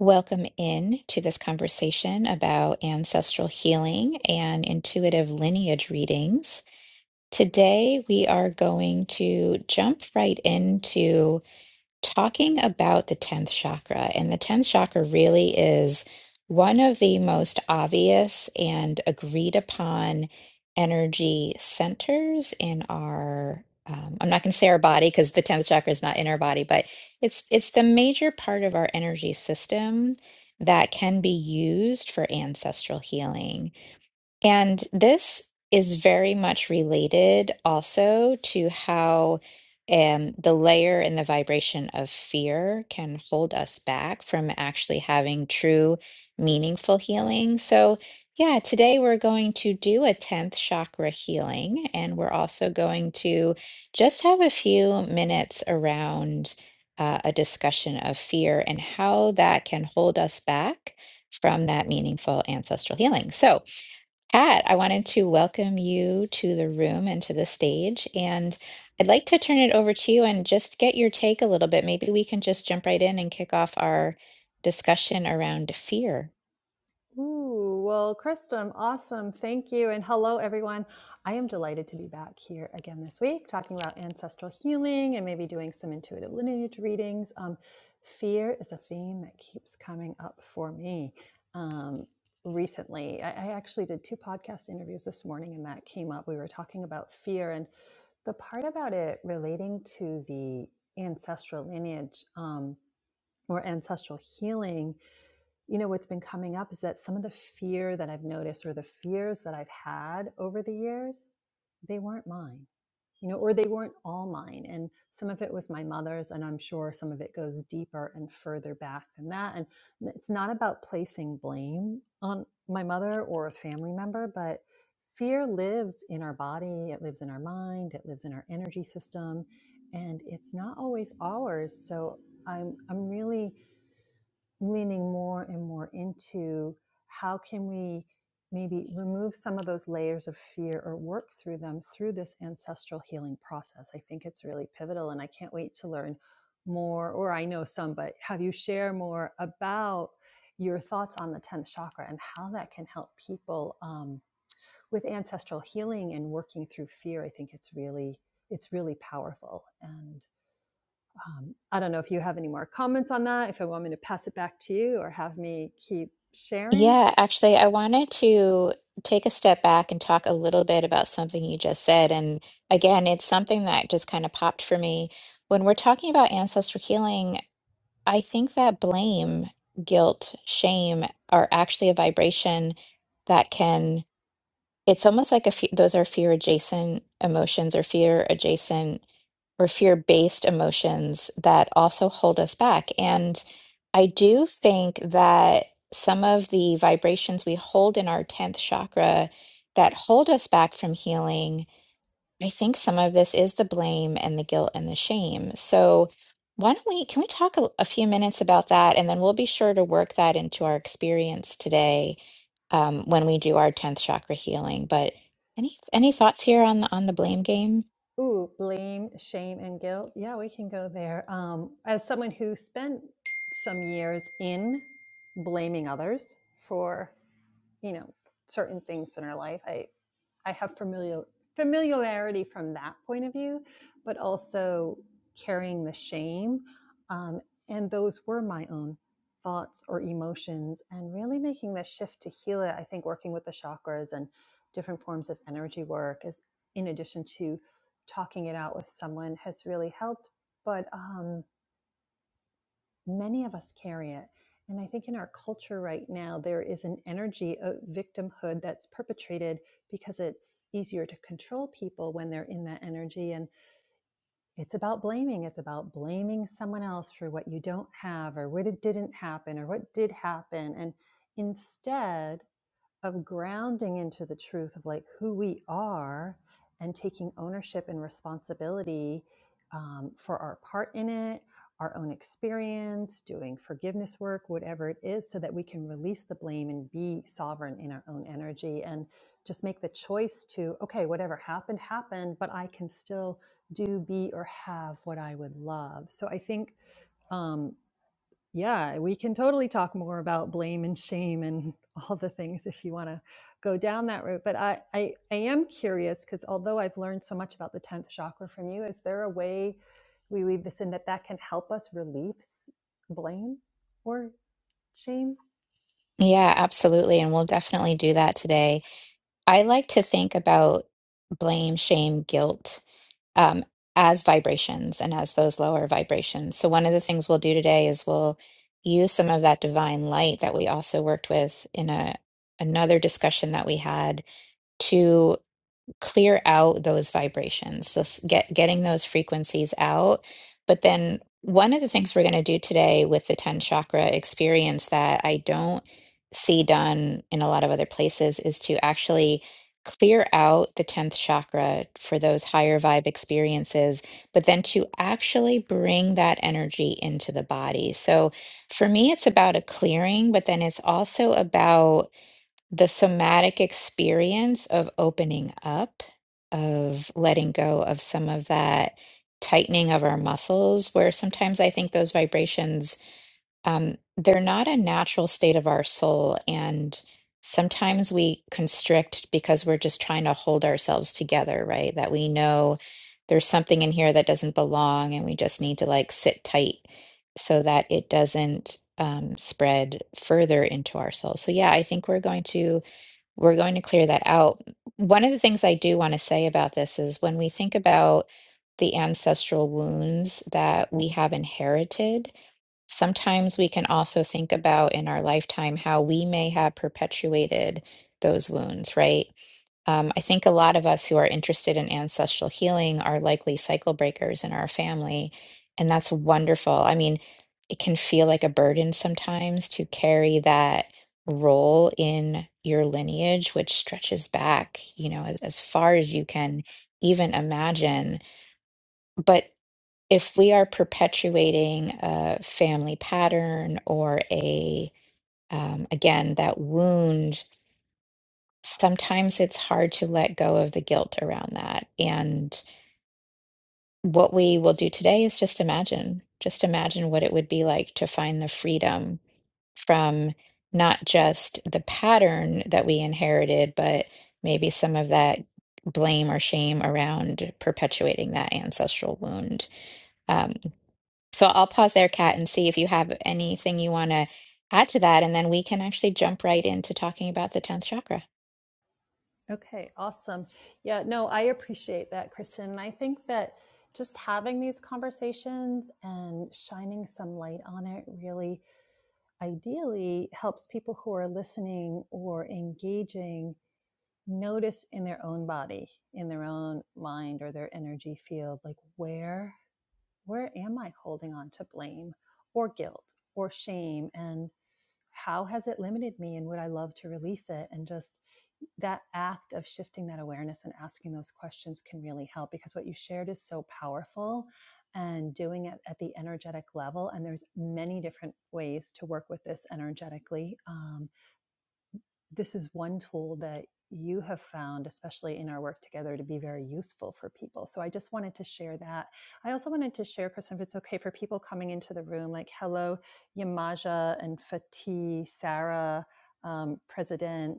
Welcome in to this conversation about ancestral healing and intuitive lineage readings. Today, we are going to jump right into talking about the 10th chakra, and the 10th chakra really is one of the most obvious and agreed upon energy centers in our. Um, I'm not going to say our body because the 10th chakra is not in our body, but it's it's the major part of our energy system that can be used for ancestral healing. And this is very much related also to how um, the layer and the vibration of fear can hold us back from actually having true, meaningful healing. So, yeah, today we're going to do a 10th chakra healing, and we're also going to just have a few minutes around uh, a discussion of fear and how that can hold us back from that meaningful ancestral healing. So, Kat, I wanted to welcome you to the room and to the stage. And I'd like to turn it over to you and just get your take a little bit. Maybe we can just jump right in and kick off our discussion around fear. Ooh, well, Kristum, awesome. Thank you. And hello, everyone. I am delighted to be back here again this week talking about ancestral healing and maybe doing some intuitive lineage readings. Um, fear is a theme that keeps coming up for me. Um, recently, I, I actually did two podcast interviews this morning, and that came up. We were talking about fear and the part about it relating to the ancestral lineage um, or ancestral healing you know what's been coming up is that some of the fear that i've noticed or the fears that i've had over the years they weren't mine you know or they weren't all mine and some of it was my mother's and i'm sure some of it goes deeper and further back than that and it's not about placing blame on my mother or a family member but fear lives in our body it lives in our mind it lives in our energy system and it's not always ours so i'm i'm really leaning more and more into how can we maybe remove some of those layers of fear or work through them through this ancestral healing process. I think it's really pivotal and I can't wait to learn more or I know some but have you share more about your thoughts on the 10th chakra and how that can help people um, with ancestral healing and working through fear. I think it's really it's really powerful and. Um, I don't know if you have any more comments on that, if you want me to pass it back to you or have me keep sharing. Yeah, actually, I wanted to take a step back and talk a little bit about something you just said. And again, it's something that just kind of popped for me. When we're talking about ancestral healing, I think that blame, guilt, shame are actually a vibration that can. It's almost like a few, those are fear adjacent emotions or fear adjacent or fear based emotions that also hold us back. And I do think that some of the vibrations we hold in our 10th chakra that hold us back from healing. I think some of this is the blame and the guilt and the shame. So why don't we, can we talk a, a few minutes about that? And then we'll be sure to work that into our experience today um, when we do our 10th chakra healing. But any any thoughts here on Uh, the on the blame game? Ooh, blame, shame, and guilt. Yeah, we can go there. Um, as someone who spent some years in blaming others for you know certain things in our life i i have familiar familiarity from that point of view but also carrying the shame um, and those were my own thoughts or emotions and really making the shift to heal it i think working with the chakras and different forms of energy work is in addition to talking it out with someone has really helped but um many of us carry it. And I think in our culture right now, there is an energy of victimhood that's perpetrated because it's easier to control people when they're in that energy. And it's about blaming. It's about blaming someone else for what you don't have or what it didn't happen or what did happen. And instead, of grounding into the truth of like who we are and taking ownership and responsibility um, for our part in it, our own experience, doing forgiveness work, whatever it is, so that we can release the blame and be sovereign in our own energy and just make the choice to, okay, whatever happened, happened, but I can still do, be, or have what I would love. So I think. Um, yeah, we can totally talk more about blame and shame and all the things if you want to go down that route. But I, I, I am curious because although I've learned so much about the 10th chakra from you, is there a way we weave this in that that can help us relieve blame or shame? Yeah, absolutely. And we'll definitely do that today. I like to think about blame, shame, guilt um, as vibrations and as those lower vibrations. So, one of the things we'll do today is we'll use some of that divine light that we also worked with in a another discussion that we had to clear out those vibrations. So s- get getting those frequencies out. But then one of the things we're going to do today with the 10 chakra experience that I don't see done in a lot of other places is to actually clear out the 10th chakra for those higher vibe experiences, but then to actually bring that energy into the body. So for me, it's about a clearing, but then it's also about the somatic experience of opening up, of letting go of some of that tightening of our muscles, where sometimes I think those vibrations, um, they're not a natural state of our soul. And sometimes we constrict because we're just trying to hold ourselves together, right? That we know there's something in here that doesn't belong and we just need to like sit tight so that it doesn't um, spread further into our soul. So, yeah, I think we're going to we're going to clear that out. One of the things I do want to say about this is when we think about the ancestral wounds that we have inherited, sometimes we can also think about in our lifetime how we may have perpetuated those wounds, right? Um, I think a lot of us who are interested in ancestral healing are likely cycle breakers in our family, and that's wonderful. I mean, it can feel like a burden sometimes to carry that role in your lineage, which stretches back, you know, as, as far as you can even imagine. But if we are perpetuating a family pattern or a, um, again, that wound sometimes it's hard to let go of the guilt around that. And what we will do today is just imagine, just imagine what it would be like to find the freedom from not just the pattern that we inherited, but maybe some of that blame or shame around perpetuating that ancestral wound. Um, so I'll pause there, Kat, and see if you have anything you want to add to that. And then we can actually jump right into talking about the 10th chakra. Okay, awesome. Yeah, no, I appreciate that, Kristen. And I think that just having these conversations and shining some light on it really ideally helps people who are listening or engaging notice in their own body in their own mind or their energy field like where where am i holding on to blame or guilt or shame and how has it limited me and would I love to release it? And just that act of shifting that awareness and asking those questions can really help because what you shared is so powerful and doing it at the energetic level and there's many different ways to work with this energetically Um, this is one tool that you have found, especially in our work together, to be very useful for people. So I just wanted to share that. I also wanted to share, Kristen, if it's okay for people coming into the room, like hello, Yamaja and Fatih, Sarah, um, President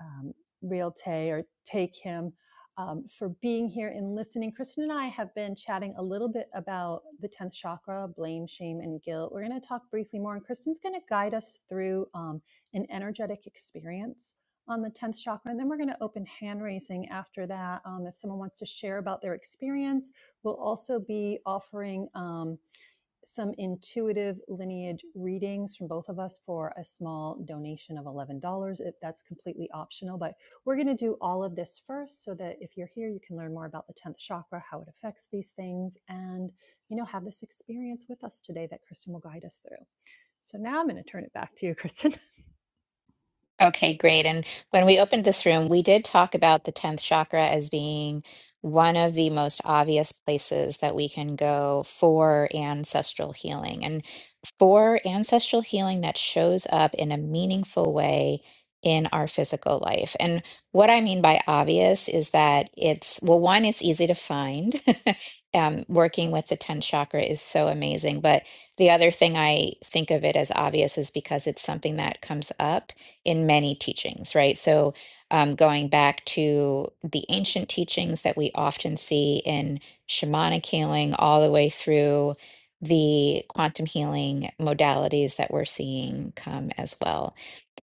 um, Realte or take him um, for being here and listening. Kristen and I have been chatting a little bit about the 10th chakra, blame, shame, and guilt. We're going to talk briefly more, and Kristen's going to guide us through um, an energetic experience on the 10th chakra. And then we're going to open hand raising after that. Um, if someone wants to share about their experience, we'll also be offering. um, some intuitive lineage readings from both of us for a small donation of $11. It- That's completely optional, but we're going to do all of this first so that if you're here, you can learn more about the 10th chakra, how it affects these things, and, you know, have this experience with us today that Kristen will guide us through. So now I'm going to turn it back to you, Kristen. Okay, great. And when we opened this room, we did talk about the 10th chakra as being one of the most obvious places that we can go for ancestral healing and for ancestral healing that shows up in a meaningful way in our physical life. And what I mean by obvious is that it's, well, one, it's easy to find. Um, working with the 10th chakra is so amazing. But the other thing I think of it as obvious is because it's something that comes up in many teachings, right? So, um, going back to the ancient teachings that we often see in shamanic healing, all the way through the quantum healing modalities that we're seeing come as well.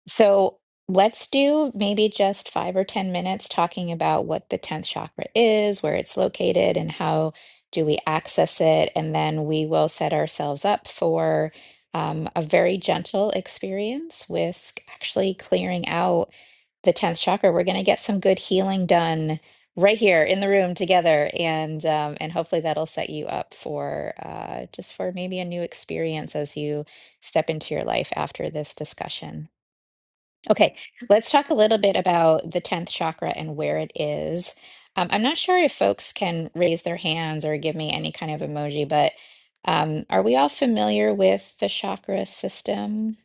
So let's do maybe just five or 10 minutes talking about what the 10th chakra is, where it's located, and how do we access it. And then we will set ourselves up for um, a very gentle experience with actually clearing out the 10th chakra. We're going to get some good healing done. Right here in the room together, and um, and hopefully that'll set you up for uh, just for maybe a new experience as you step into your life after this discussion. Okay, let's talk a little bit about the 10th chakra and where it is. Um, I'm not sure if folks can raise their hands or give me any kind of emoji, but um, are we all familiar with the chakra system?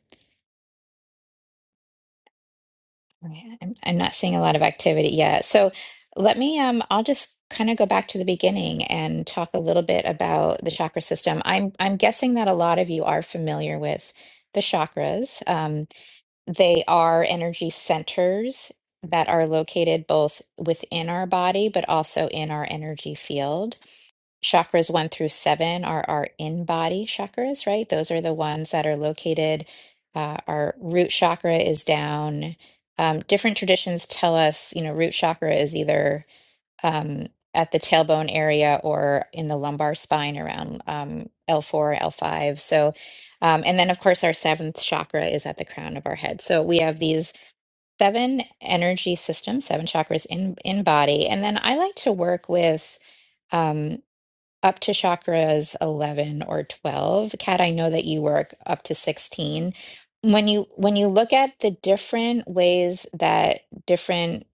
Okay, I'm, I'm not seeing a lot of activity yet. So let me, um, I'll just kind of go back to the beginning and talk a little bit about the chakra system. I'm, I'm guessing that a lot of you are familiar with the chakras. Um, They are energy centers that are located both within our body, but also in our energy field. Chakras one through seven are our in body chakras, right? Those are the ones that are located. Uh, our root chakra is down. Um, different traditions tell us, you know, root chakra is either um, at the tailbone area or in the lumbar spine around um, L4, L5. So, um, and then of course, our seventh chakra is at the crown of our head. So we have these seven energy systems, seven chakras in in body, and then I like to work with um, up to chakras 11 or 12. Kat, I know that you work up to 16. When you when you look at the different ways that different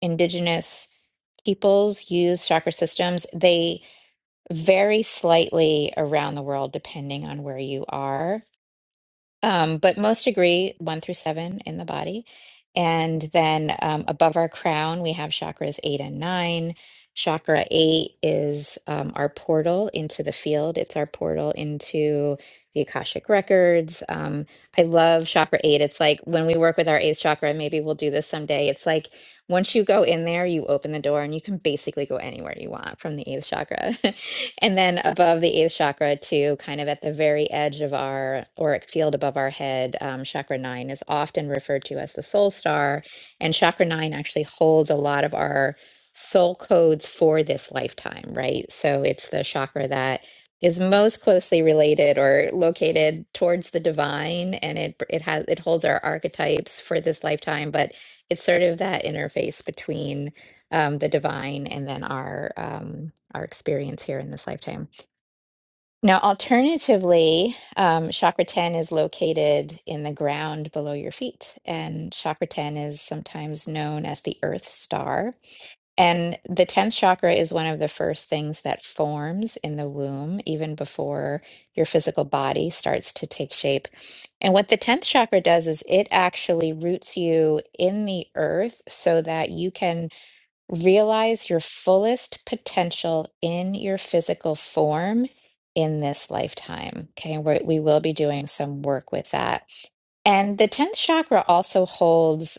indigenous peoples use chakra systems. They vary slightly around the world depending on where you are. Um, but most agree one through seven in the body. And then um, above our crown, we have chakras eight and nine. Chakra eight is um, our portal into the field, it's our portal into the Akashic records. Um, I love chakra eight. It's like when we work with our eighth chakra, and maybe we'll do this someday, it's like once you go in there, you open the door and you can basically go anywhere you want from the eighth chakra. And then above the eighth chakra, too, kind of at the very edge of our auric field above our head, um, chakra nine is often referred to as the soul star. And chakra nine actually holds a lot of our soul codes for this lifetime, right? So it's the chakra that is most closely related or located towards the divine and it it has it holds our archetypes for this lifetime but it's sort of that interface between um, the divine and then our um, our experience here in this lifetime. Now, alternatively, um, chakra 10 is located in the ground below your feet, and chakra 10 is sometimes known as the earth star. And the 10th chakra is one of the first things that forms in the womb, even before your physical body starts to take shape. And what the 10th chakra does is it actually roots you in the earth so that you can Realize your fullest potential in your physical form in this lifetime. Okay, we we will be doing some work with that. And the 10th chakra also holds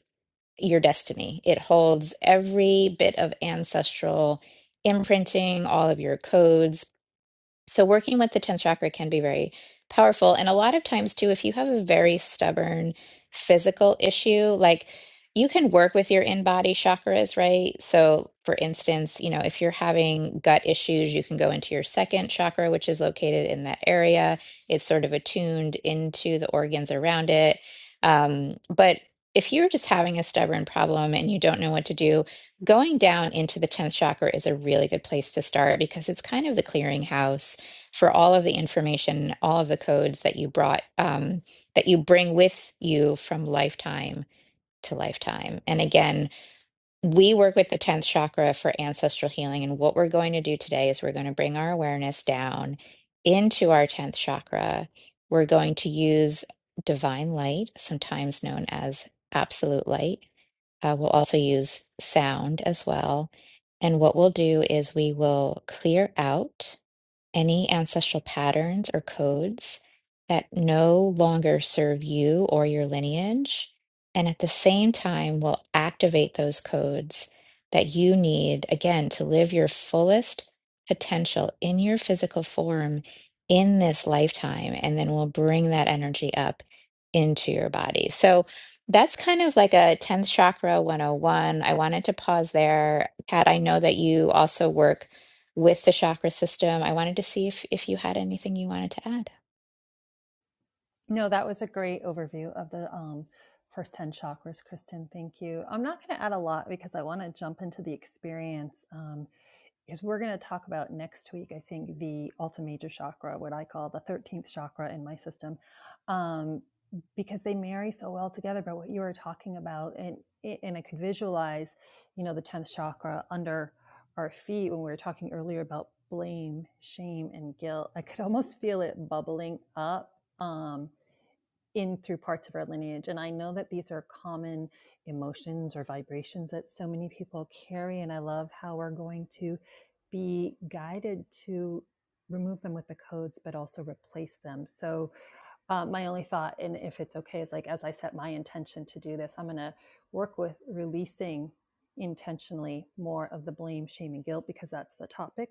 your destiny, it holds every bit of ancestral imprinting, all of your codes, so working with the 10th chakra can be very powerful. And a lot of times, too, if you have a very stubborn physical issue, like you can work with your in body chakras, right? So, for instance, you know, if you're having gut issues, you can go into your second chakra, which is located in that area. It's sort of attuned into the organs around it. Um, but if you're just having a stubborn problem and you don't know what to do, going down into the 10th chakra is a really good place to start because it's kind of the clearinghouse for all of the information, all of the codes that you brought, um, that you bring with you from lifetime to lifetime. And again, we work with the 10th chakra for ancestral healing. And what we're going to do today is we're going to bring our awareness down into our 10th chakra. We're going to use divine light, sometimes known as absolute light. Uh, we'll also use sound as well. And what we'll do is we will clear out any ancestral patterns or codes that no longer serve you or your lineage, and at the same time will activate those codes that you need, again, to live your fullest potential in your physical form in this lifetime, and then we'll bring that energy up into your body. So that's kind of like a 10th chakra 101. I wanted to pause there. Kat, I know that you also work with the chakra system. I wanted to see if if you had anything you wanted to add. No, that was a great overview of the um, first 10 chakras, Kristen. Thank you. I'm not going to add a lot because I want to jump into the experience um, because we're going to talk about next week, I think, the Alta Major chakra, what I call the 13th chakra in my system, um, because they marry so well together. But what you were talking about, and, and I could visualize, you know, the 10th chakra under our feet when we were talking earlier about blame, shame, and guilt. I could almost feel it bubbling up. Um, in through parts of our lineage. And I know that these are common emotions or vibrations that so many people carry. And I love how we're going to be guided to remove them with the codes, but also replace them. So uh, my only thought and if it's okay is like as i set my intention to do this i'm going to work with releasing intentionally more of the blame shame and guilt because that's the topic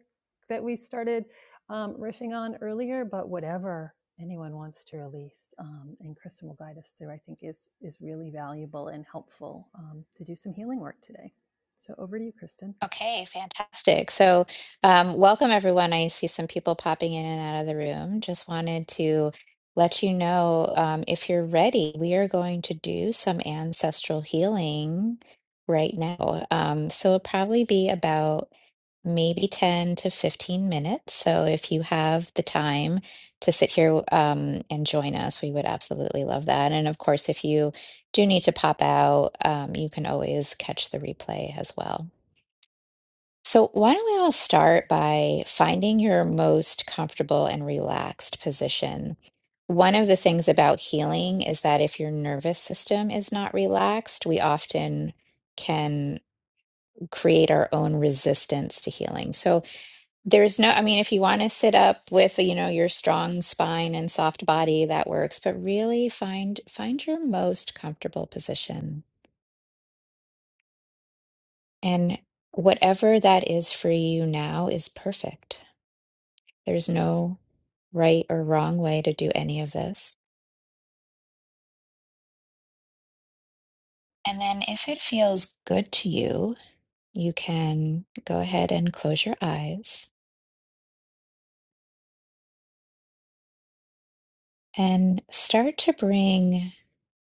that we started um, riffing on earlier but whatever anyone wants to release um, and kristen will guide us through i think is is really valuable and helpful um, to do some healing work today so over to you, Kristen. Okay, fantastic. So, um, welcome everyone. I see some people popping in and out of the room. Just wanted to let you know um, if you're ready, we are going to do some ancestral healing right now. Um, so it'll probably be about maybe 10 to 15 minutes. So if you have the time to sit here um, and join us, we would absolutely love that. And of course, if you do need to pop out, um, you can always catch the replay as well. So why don't we all start by finding your most comfortable and relaxed position? One of the things about healing is that if your nervous system is not relaxed, we often can create our own resistance to healing. So, there's no, I mean, if you want to sit up with, you know, your strong spine and soft body, that works, but really find find your most comfortable position. And whatever that is for you now is perfect. There's no right or wrong way to do any of this. And then if it feels good to you, you can go ahead and close your eyes and start to bring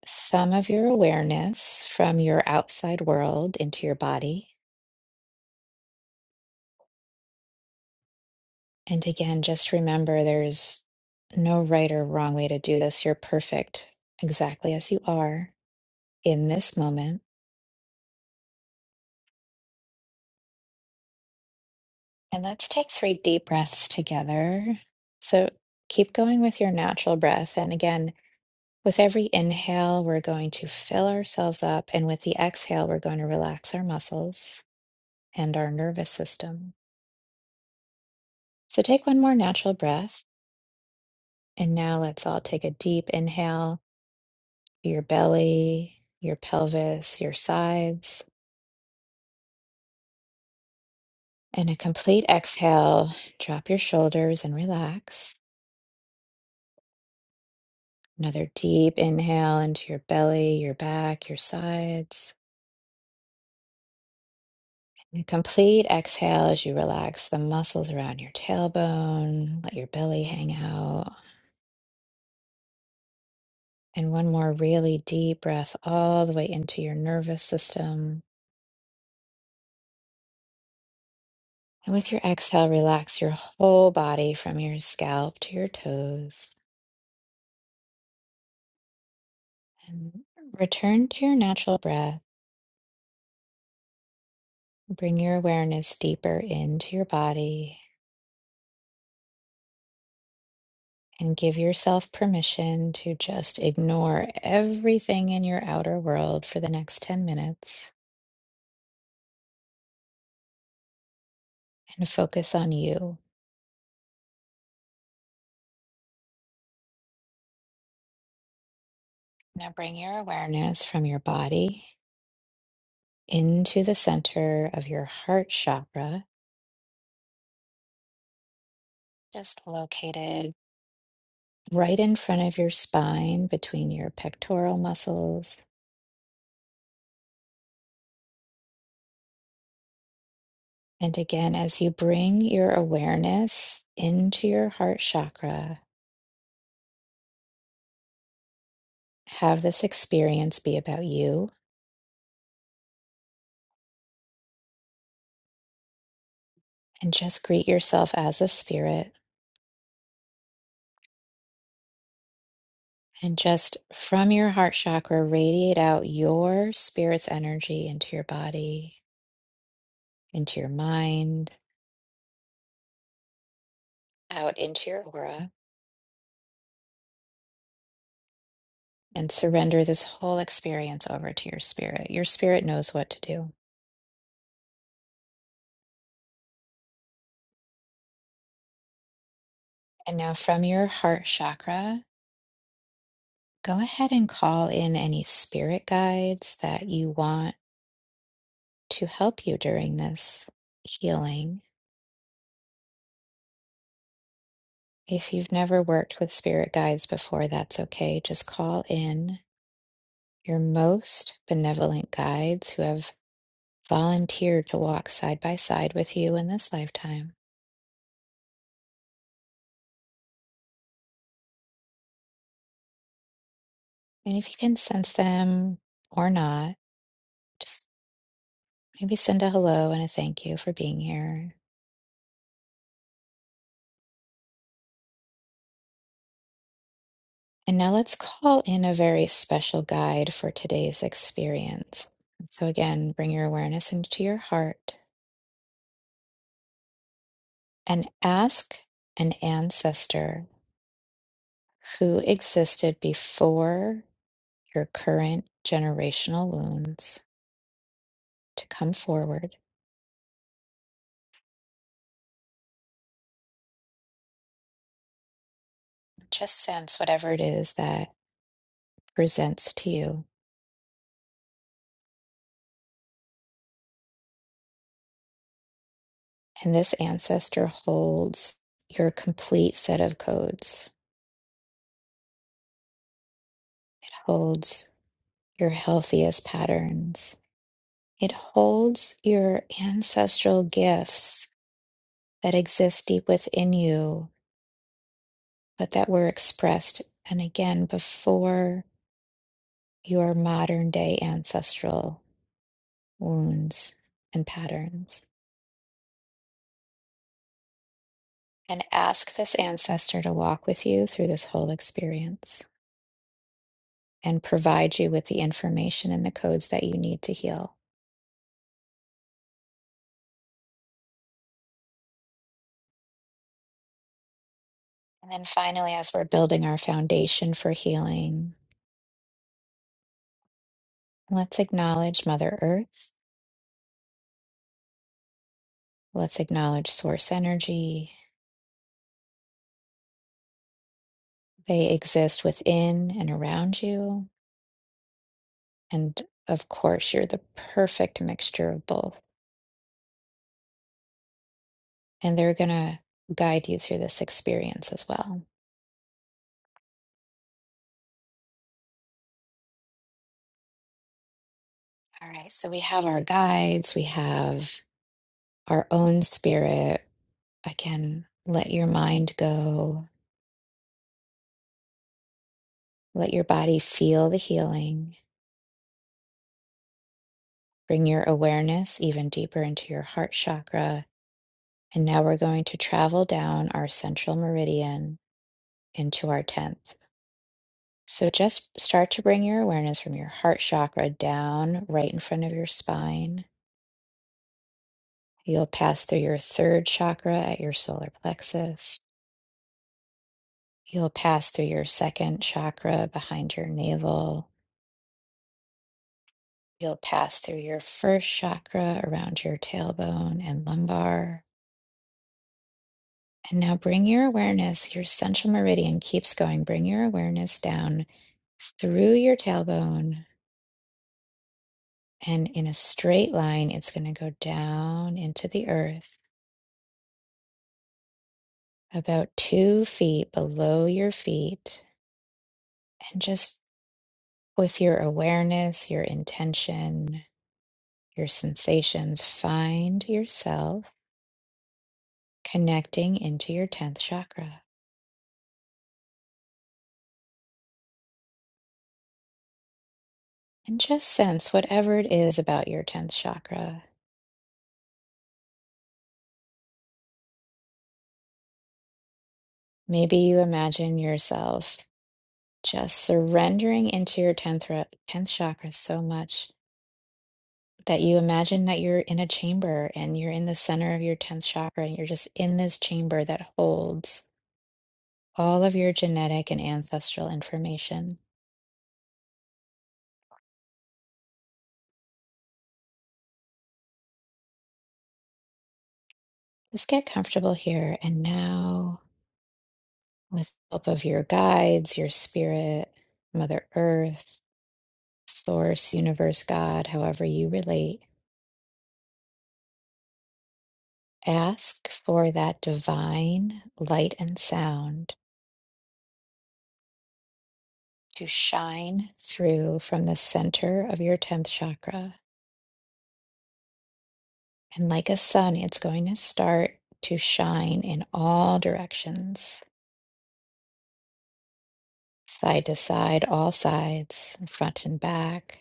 some of your awareness from your outside world into your body. And again, just remember there's no right or wrong way to do this. You're perfect exactly as you are in this moment. And let's take three deep breaths together. So keep going with your natural breath. And again, with every inhale, we're going to fill ourselves up. And with the exhale, we're going to relax our muscles and our nervous system. So take one more natural breath. And now let's all take a deep inhale, your belly, your pelvis, your sides. And a complete exhale, drop your shoulders and relax. Another deep inhale into your belly, your back, your sides. And a complete exhale as you relax the muscles around your tailbone, let your belly hang out. And one more really deep breath all the way into your nervous system. And with your exhale, relax your whole body from your scalp to your toes. And return to your natural breath. Bring your awareness deeper into your body and give yourself permission to just ignore everything in your outer world for the next 10 minutes and focus on you. Now bring your awareness from your body into the center of your heart chakra, just located right in front of your spine between your pectoral muscles. And again, as you bring your awareness into your heart chakra, have this experience be about you and just greet yourself as a spirit And just from your heart chakra, radiate out your spirit's energy into your body, into your mind, out into your aura, and surrender this whole experience over to your spirit. Your spirit knows what to do. And now from your heart chakra, go ahead and call in any spirit guides that you want to help you during this healing. If you've never worked with spirit guides before, that's okay. Just call in Your most benevolent guides who have volunteered to walk side by side with you in this lifetime. And if you can sense them or not, just maybe send a hello and a thank you for being here. And now let's call in a very special guide for today's experience. So, again, bring your awareness into your heart and ask an ancestor who existed before your current generational wounds to come forward Just sense whatever it is that presents to you. And this ancestor holds your complete set of codes, it holds your healthiest patterns, it holds your ancestral gifts that exist deep within you, but that were expressed and again before your modern day ancestral wounds and patterns. And ask this ancestor to walk with you through this whole experience. and provide you with the information and the codes that you need to heal. And then finally, as we're building our foundation for healing, let's acknowledge Mother Earth. Let's acknowledge Source Energy. They exist within and around you. And of course, you're the perfect mixture of both. And they're going to guide you through this experience as well. All right. So we have our guides, we have our own spirit. Again, let your mind go Let your body feel the healing. Bring your awareness even deeper into your heart chakra. And now we're going to travel down our central meridian into our 10th. So just start to bring your awareness from your heart chakra down right in front of your spine. You'll pass through your third chakra at your solar plexus. You'll pass through your second chakra behind your navel. You'll pass through your first chakra around your tailbone and lumbar. And now bring your awareness, your central meridian keeps going. Bring your awareness down through your tailbone. And in a straight line, it's going to go down into the earth, about two feet below your feet. And just with your awareness, your intention, your sensations, find yourself connecting into your 10th chakra. And just sense whatever it is about your 10th chakra. Maybe you imagine yourself just surrendering into your 10th, thro- 10th chakra so much that you imagine that you're in a chamber and you're in the center of your 10th chakra and you're just in this chamber that holds all of your genetic and ancestral information. Just get comfortable here and now with the help of your guides, your spirit, Mother Earth, Source, Universe, God, however you relate. Ask for that divine light and sound to shine through from the center of your 10th chakra. And like a sun, it's going to start to shine in all directions, side to side, all sides, front and back.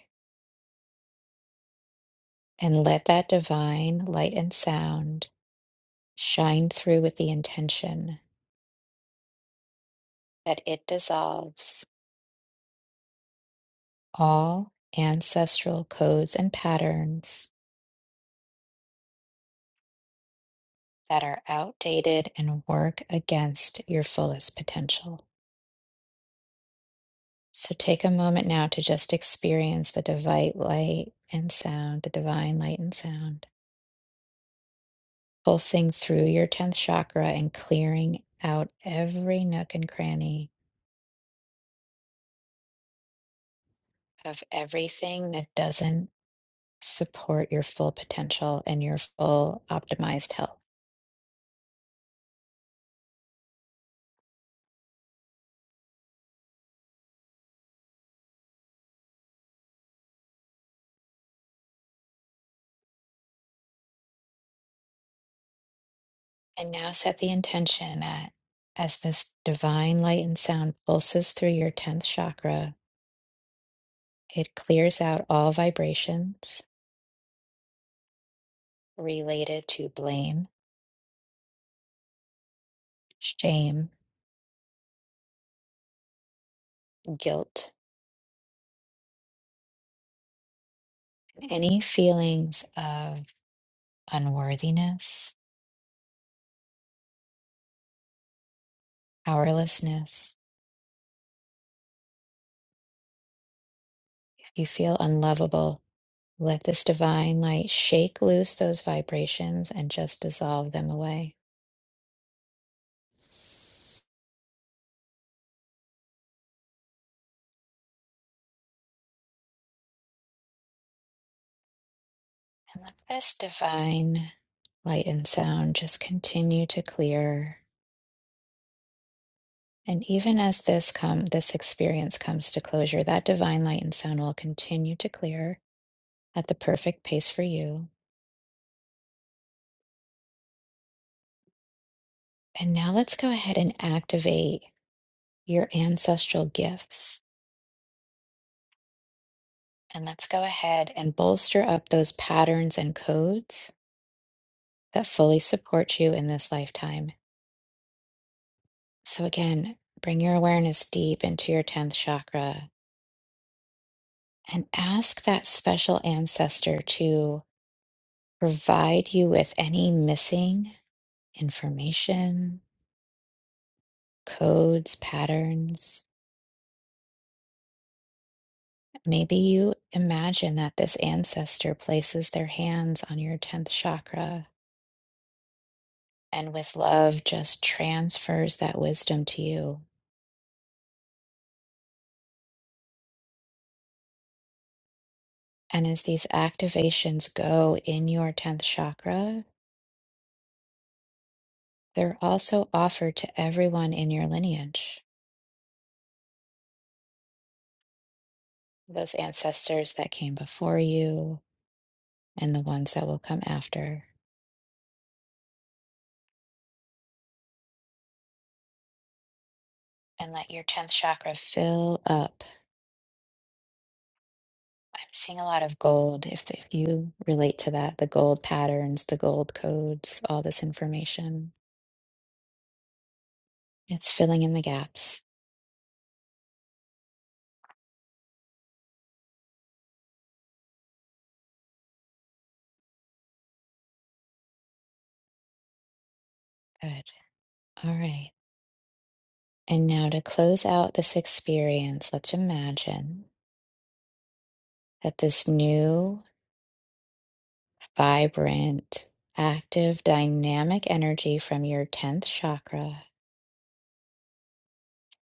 And let that divine light and sound shine through with the intention that it dissolves all ancestral codes and patterns that are outdated and work against your fullest potential. So take a moment now to just experience the divine light and sound, the divine light and sound, pulsing through your 10th chakra and clearing out every nook and cranny of everything that doesn't support your full potential and your full optimized health. And now set the intention that as this divine light and sound pulses through your 10th chakra, it clears out all vibrations related to blame, shame, guilt, any feelings of unworthiness, powerlessness. If you feel unlovable, let this divine light shake loose those vibrations and just dissolve them away. And let this divine light and sound just continue to clear. And even as this come this experience comes to closure, that divine light and sound will continue to clear at the perfect pace for you. And now let's go ahead and activate your ancestral gifts. And let's go ahead and bolster up those patterns and codes that fully support you in this lifetime. So, again, bring your awareness deep into your 10th chakra and ask that special ancestor to provide you with any missing information, codes, patterns. Maybe you imagine that this ancestor places their hands on your 10th chakra and with love just transfers that wisdom to you And as these activations go in your 10th chakra, they're also offered to everyone in your lineage, those ancestors that came before you and the ones that will come after. And let your 10th chakra fill up. I'm seeing a lot of gold. If, if you relate to that, the gold patterns, the gold codes, all this information, it's filling in the gaps. Good. All right. And now to close out this experience, let's imagine that this new vibrant, active, dynamic energy from your 10th chakra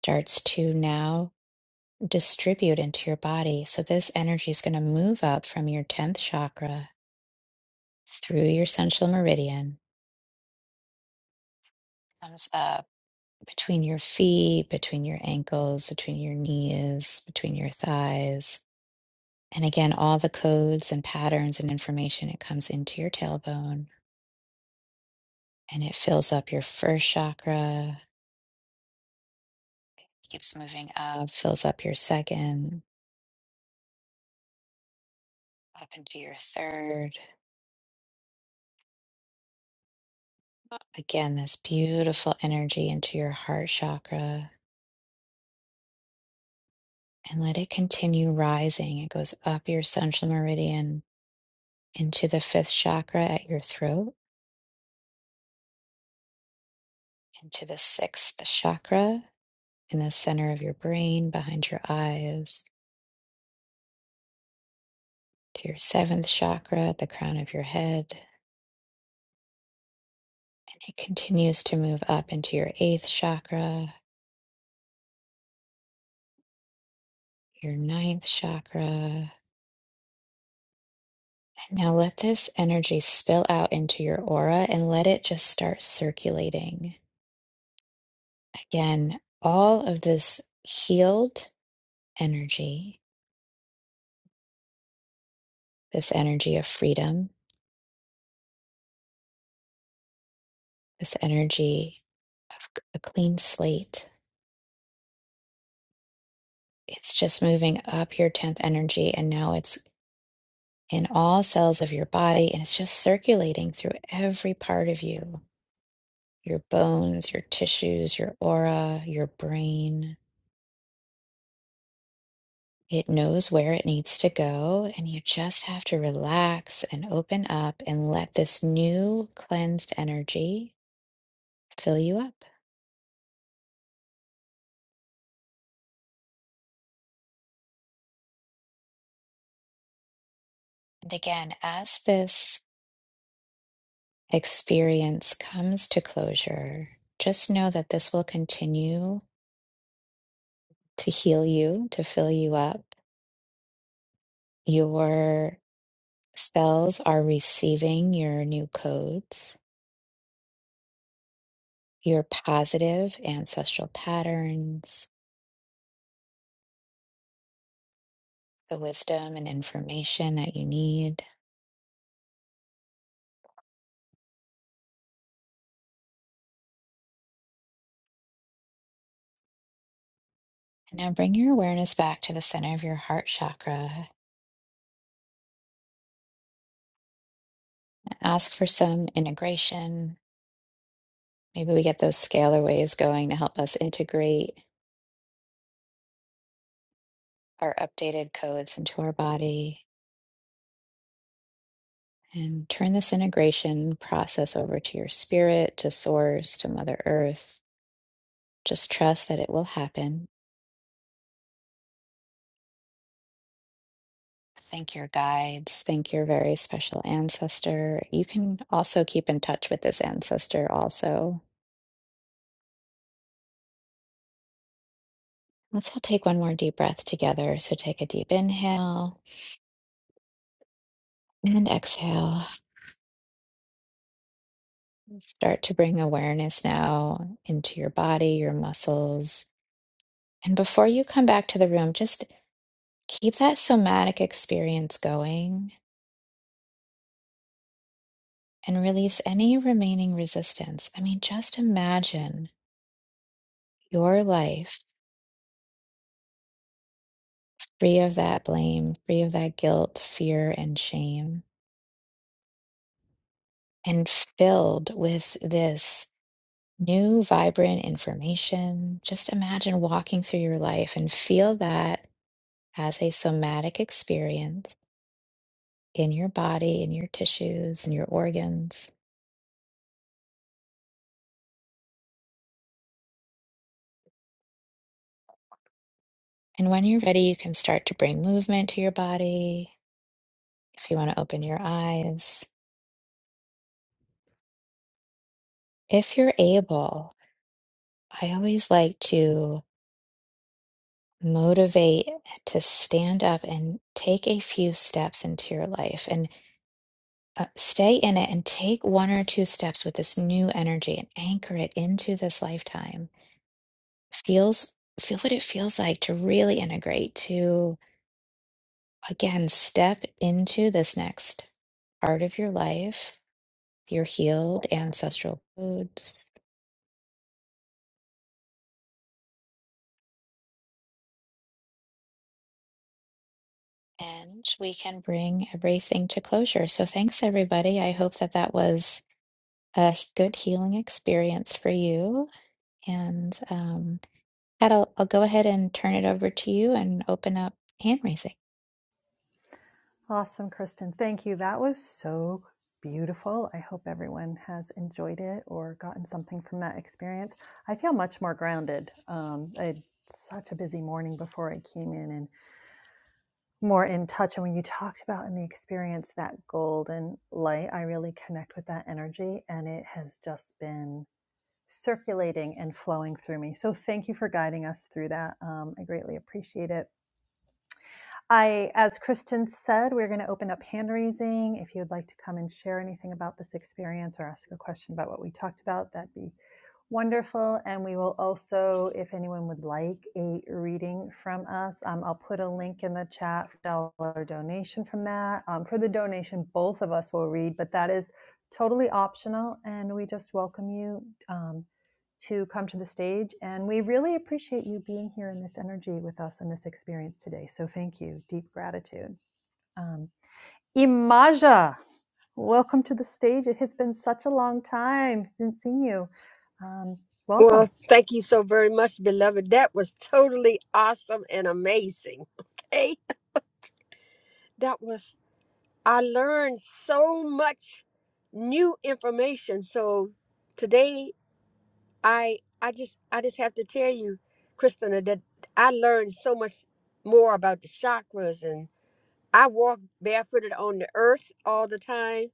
starts to now distribute into your body. So, this energy is going to move up from your 10th chakra through your central meridian, comes up between your feet, between your ankles, between your knees, between your thighs. And again, all the codes and patterns and information, it comes into your tailbone and it fills up your first chakra, Keeps moving up, fills up your second, up into your third. Again, this beautiful energy into your heart chakra. And let it continue rising. It goes up your central meridian into the fifth chakra at your throat, into the sixth chakra in the center of your brain, behind your eyes, to your seventh chakra at the crown of your head. And it continues to move up into your eighth chakra, your ninth chakra. Now let this energy spill out into your aura and let it just start circulating. Again, all of this healed energy, this energy of freedom, this energy of c- a clean slate, it's just moving up your 10th energy and now it's in all cells of your body and it's just circulating through every part of you, your bones, your tissues, your aura, your brain. It knows where it needs to go, and you just have to relax and open up and let this new cleansed energy fill you up. And again, as this experience comes to closure, just know that this will continue to heal you, to fill you up. Your cells are receiving your new codes, your positive ancestral patterns, the wisdom and information that you need Now bring your awareness back to the center of your heart chakra. Ask for some integration. Maybe we get those scalar waves going to help us integrate our updated codes into our body. And turn this integration process over to your spirit, to source, to Mother Earth. Just trust that it will happen. Thank your guides. Thank your very special ancestor. You can also keep in touch with this ancestor, also. Let's all take one more deep breath together. So take a deep inhale. And exhale. Start to bring awareness now into your body, your muscles. And before you come back to the room, just keep that somatic experience going and release any remaining resistance. I mean, just imagine your life free of that blame, free of that guilt, fear, and shame, and filled with this new, vibrant information. Just imagine walking through your life and feel that as a somatic experience in your body, in your tissues, in your organs. And when you're ready, you can start to bring movement to your body. If you want to open your eyes, if you're able, I always like to motivate to stand up and take a few steps into your life and uh, stay in it and take one or two steps with this new energy and anchor it into this lifetime. Feels feel what it feels like to really integrate to Again, step into this next part of your life, your healed ancestral codes, and we can bring everything to closure. So, thanks everybody. I hope that that was a h- good healing experience for you. And um, Kat, I'll, I'll go ahead and turn it over to you and open up hand raising. Awesome, Kristen. Thank you. That was so beautiful. I hope everyone has enjoyed it or gotten something from that experience. I feel much more grounded. Um, I had such a busy morning before I came in, and. more in touch. And when you talked about in the experience that golden light, I really connect with that energy and it has just been circulating and flowing through me. So thank you for guiding us through that. Um, I greatly appreciate it. I, as Kristen said, we're going to open up hand raising. If you would like to come and share anything about this experience or ask a question about what we talked about, that'd be wonderful. And we will also, if anyone would like a reading from us, um, I'll put a link in the chat for dollar donation from that. Um, for the donation, both of us will read, but that is totally optional, and we just welcome you. um, to come to the stage. And we really appreciate you being here in this energy with us in this experience today. So thank you. Deep gratitude. Um, Imaja, welcome to the stage. It has been such a long time didn't see you. Um, Well, welcome. thank you so very much, beloved. That was totally awesome and amazing. Okay. That was, I learned so much new information. So today, I, I just, I just have to tell you, Christina, that I learned so much more about the chakras and I walk barefooted on the earth all the time.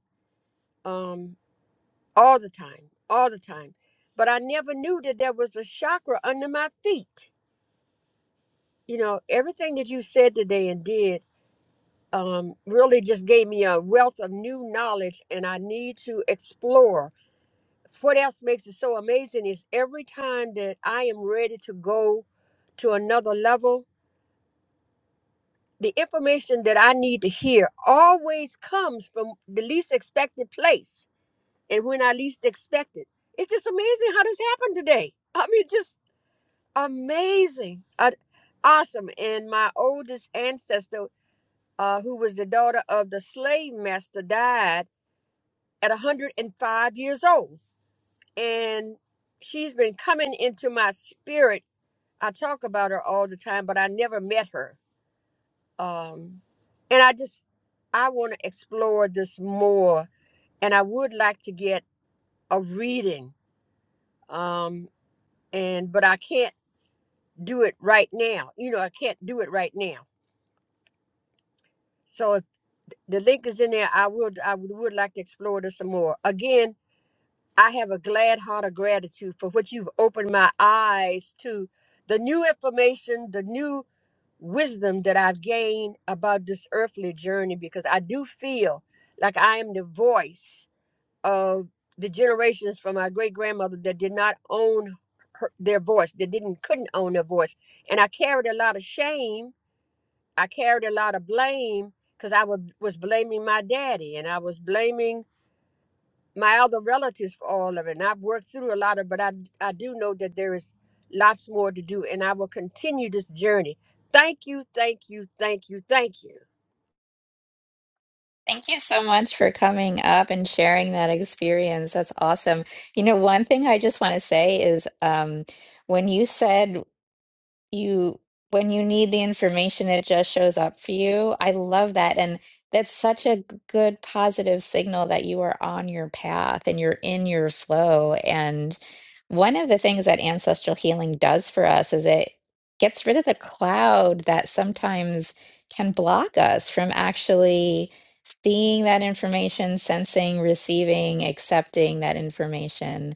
Um, all the time, all the time. But I never knew that there was a chakra under my feet you know everything that you said today and did um, really just gave me a wealth of new knowledge and i need to explore what else makes it so amazing is every time that i am ready to go to another level the information that i need to hear always comes from the least expected place and when i least expect it it's just amazing how this happened today i mean just amazing I, awesome and my oldest ancestor uh, who was the daughter of the slave master, died at 105 years old. And she's been coming into my spirit. I talk about her all the time, but I never met her. Um, and I just, I want to explore this more. And I would like to get a reading. Um, and, but I can't do it right now. You know, I can't do it right now. So if the link is in there, I would, I would, would like to explore this some more. Again, I have a glad heart of gratitude for what you've opened my eyes to the new information, the new wisdom that I've gained about this earthly journey because I do feel like I am the voice of the generations from my great grandmother that did not own her, their voice, that didn't couldn't own their voice. And I carried a lot of shame, I carried a lot of blame because I wa- was blaming my daddy and I was blaming my other relatives for all of it. And I've worked through a lot of, but I I do know that there is lots more to do, and I will continue this journey. Thank you, thank you, thank you, thank you. Thank you so much for coming up and sharing that experience. That's awesome. You know, one thing I just want to say is um, when you said you when you need the information it just shows up for you i love that and that's such a good positive signal that you are on your path and you're in your flow and one of the things that ancestral healing does for us is it gets rid of the cloud that sometimes can block us from actually seeing that information sensing receiving accepting that information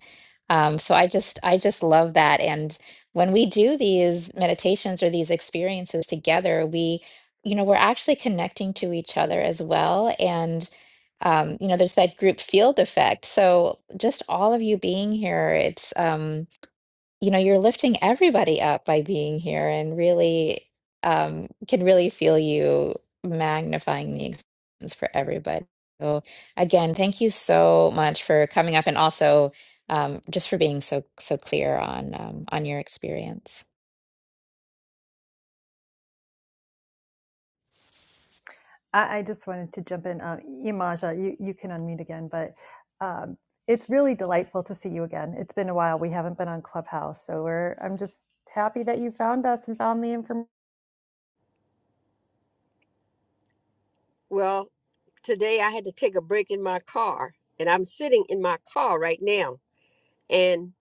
um, so i just i just love that and when we do these meditations or these experiences together, we, you know, we're actually connecting to each other as well. And, um, you know, there's that group field effect. So just all of you being here, it's, um, you know, you're lifting everybody up by being here and really um, can really feel you magnifying the experience for everybody. So again, thank you so much for coming up and also um, just for being so so clear on um, on your experience. I, I just wanted to jump in. Uh, Imaja, you, you can unmute again, but um, it's really delightful to see you again. It's been a while. We haven't been on Clubhouse. So we're, I'm just happy that you found us and found the information. Well, today I had to take a break in my car, and I'm sitting in my car right now, and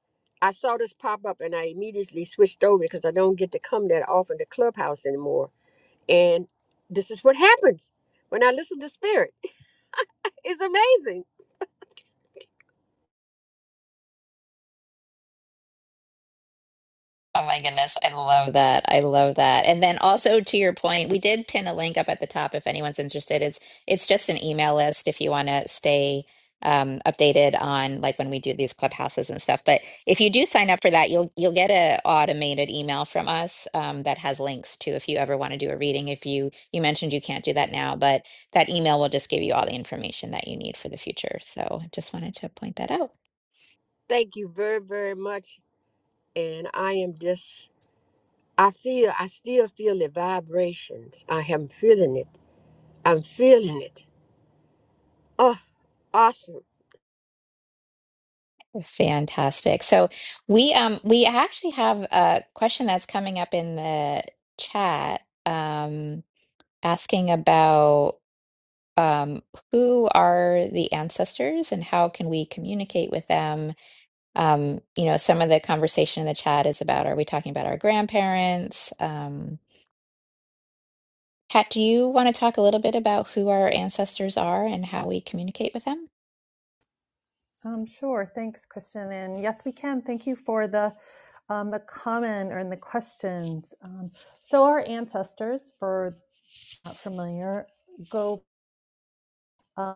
I saw this pop up, and I immediately switched over because I don't get to come that often to Clubhouse anymore. And this is what happens when I listen to Spirit. It's amazing. Oh my goodness, I love that. I love that. And then also to your point, we did pin a link up at the top if anyone's interested. It's it's just an email list if you want to stay um, updated on like when we do these clubhouses and stuff. But if you do sign up for that, you'll you'll get a automated email from us um, that has links to if you ever want to do a reading. If you you mentioned you can't do that now, but that email will just give you all the information that you need for the future. So just wanted to point that out. Thank you very, very much and I am just I feel, I still feel the vibrations. I am feeling it. I'm feeling it. Oh, awesome. Oh, Fantastic. So we um we actually have a question that's coming up in the chat um asking about um, who are the ancestors and how can we communicate with them? Um, you know, some of the conversation in the chat is about are we talking about our grandparents? Um, Kat, do you want to talk a little bit about who our ancestors are and how we communicate with them? Um, sure. Thanks, Kristen. And yes, we can. Thank you for the um, the comment or in the questions. Um, so our ancestors, for not familiar, go. uh,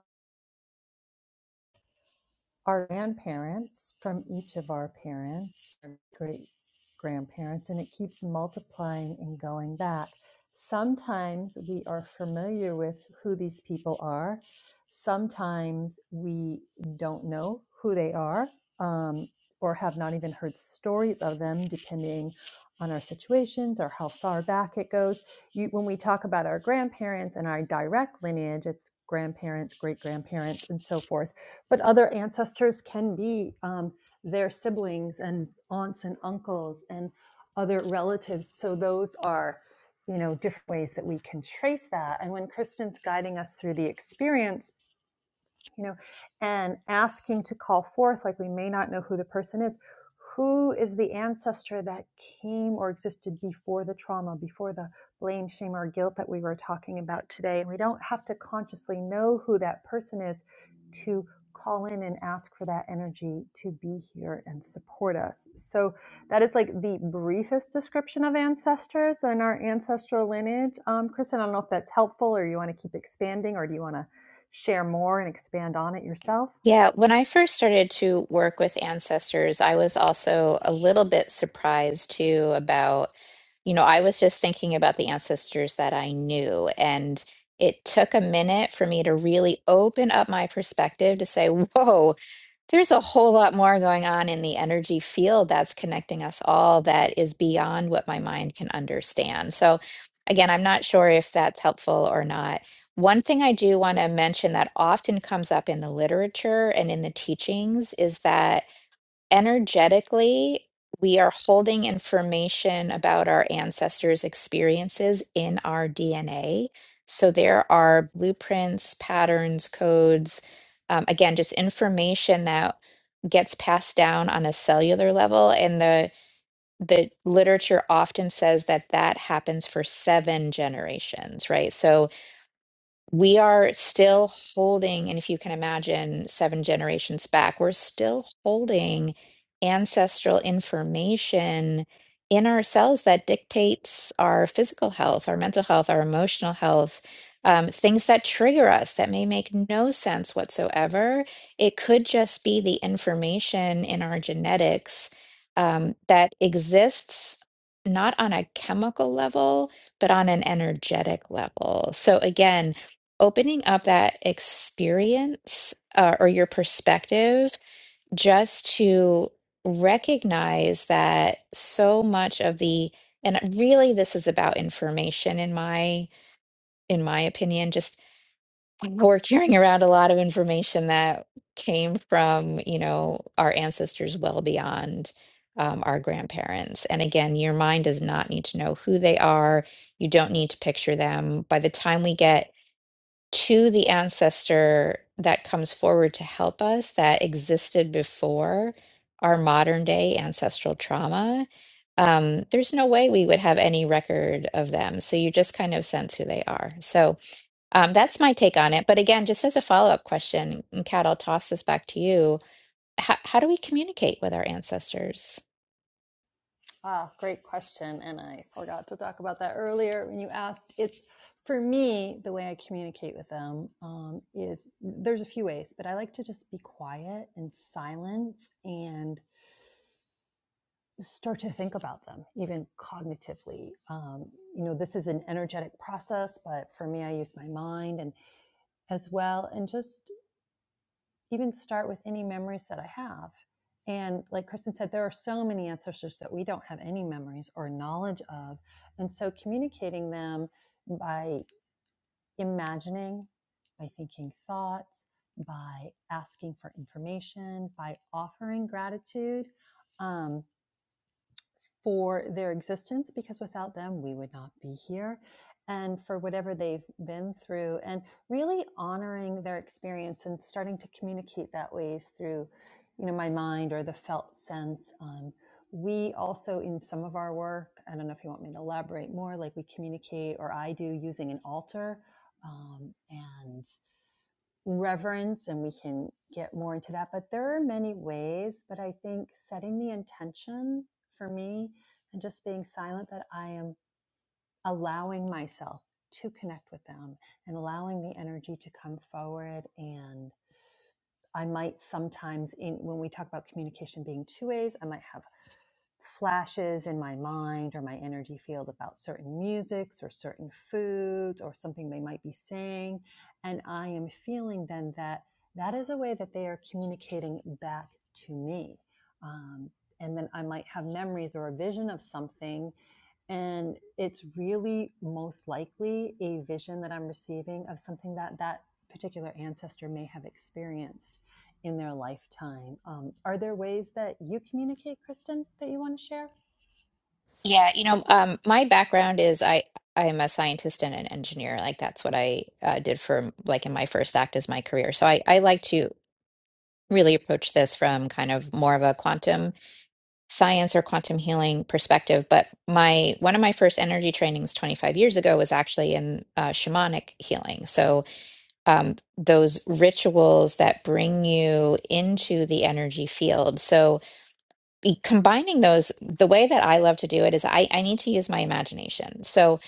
our grandparents from each of our parents, our great grandparents, and it keeps multiplying and going back. Sometimes we are familiar with who these people are. Sometimes we don't know who they are um, or have not even heard stories of them, depending on our situations or how far back it goes. You, when we talk about our grandparents and our direct lineage, it's grandparents, great grandparents, and so forth but other ancestors can be um, their siblings and aunts and uncles and other relatives. So those are, you know, different ways that we can trace that. And when Kristen's guiding us through the experience, you know, and asking to call forth, like we may not know who the person is, who is the ancestor that came or existed before the trauma, before the blame, shame, or guilt that we were talking about today? And we don't have to consciously know who that person is to call in and ask for that energy to be here and support us. So that is like the briefest description of ancestors and our ancestral lineage. Um, Kristen, I don't know if that's helpful or you want to keep expanding or do you want to share more and expand on it yourself? Yeah, when I first started to work with ancestors, I was also a little bit surprised too about, you know, I was just thinking about the ancestors that I knew. And it took a minute for me to really open up my perspective to say, whoa. There's a whole lot more going on in the energy field that's connecting us all that is beyond what my mind can understand. So, again, I'm not sure if that's helpful or not. One thing I do want to mention that often comes up in the literature and in the teachings is that energetically, we are holding information about our ancestors' experiences in our DNA. So there are blueprints, patterns, codes, um, again, just information that gets passed down on a cellular level. And the the literature often says that that happens for seven generations, right? So we are still holding, and if you can imagine seven generations back, we're still holding ancestral information in ourselves that dictates our physical health, our mental health, our emotional health, um, things that trigger us that may make no sense whatsoever. It could just be the information in our genetics um, that exists not on a chemical level, but on an energetic level. So again, opening up that experience uh, or your perspective just to recognize that so much of the and really this is about information in my in my opinion just we're carrying around a lot of information that came from you know our ancestors well beyond um, our grandparents and again your mind does not need to know who they are you don't need to picture them by the time we get to the ancestor that comes forward to help us that existed before our modern day ancestral trauma, um, there's no way we would have any record of them. So you just kind of sense who they are. So um, that's my take on it. But again, just as a follow up question, and Kat, I'll toss this back to you. How, how do we communicate with our ancestors? Wow, great question. And I forgot to talk about that earlier when you asked. It's for me, the way I communicate with them um, is there's a few ways, but I like to just be quiet and silence and start to think about them even cognitively um, you know this is an energetic process but for me i use my mind and as well and just even start with any memories that i have and like kristen said there are so many ancestors that we don't have any memories or knowledge of and so communicating them by imagining by thinking thoughts by asking for information by offering gratitude um, for their existence because without them, we would not be here, and for whatever they've been through, and really honoring their experience and starting to communicate that ways through, you know, my mind or the felt sense. Um, we also, in some of our work, I don't know if you want me to elaborate more, like we communicate, or I do, using an altar. Um, and reverence and we can get more into that but there are many ways but i think setting the intention for me and just being silent that i am allowing myself to connect with them and allowing the energy to come forward and. I might sometimes, in when we talk about communication being two ways, I might have flashes in my mind or my energy field about certain musics or certain foods or something they might be saying. And I am feeling then that that is a way that they are communicating back to me. Um, and then I might have memories or a vision of something. And it's really most likely a vision that I'm receiving of something that that particular ancestor may have experienced in their lifetime. Um, are there ways that you communicate, Kristen, that you want to share? Yeah, you know, um, my background is I I'm a scientist and an engineer. Like that's what I uh, did for like in my first act as my career. So I I like to really approach this from kind of more of a quantum science or quantum healing perspective. But my one of my first energy trainings 25 years ago was actually in uh, shamanic healing. So um, those rituals that bring you into the energy field. So e- combining those the way that i love to do it is i i need to use my imagination so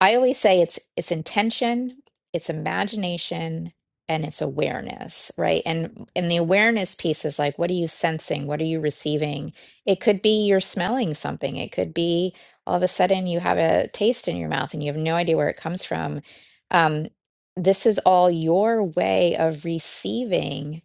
i always say it's it's intention it's imagination and it's awareness right and and the awareness piece is like what are you sensing what are you receiving it could be you're smelling something it could be all of a sudden you have a taste in your mouth and you have no idea where it comes from um this is all your way of receiving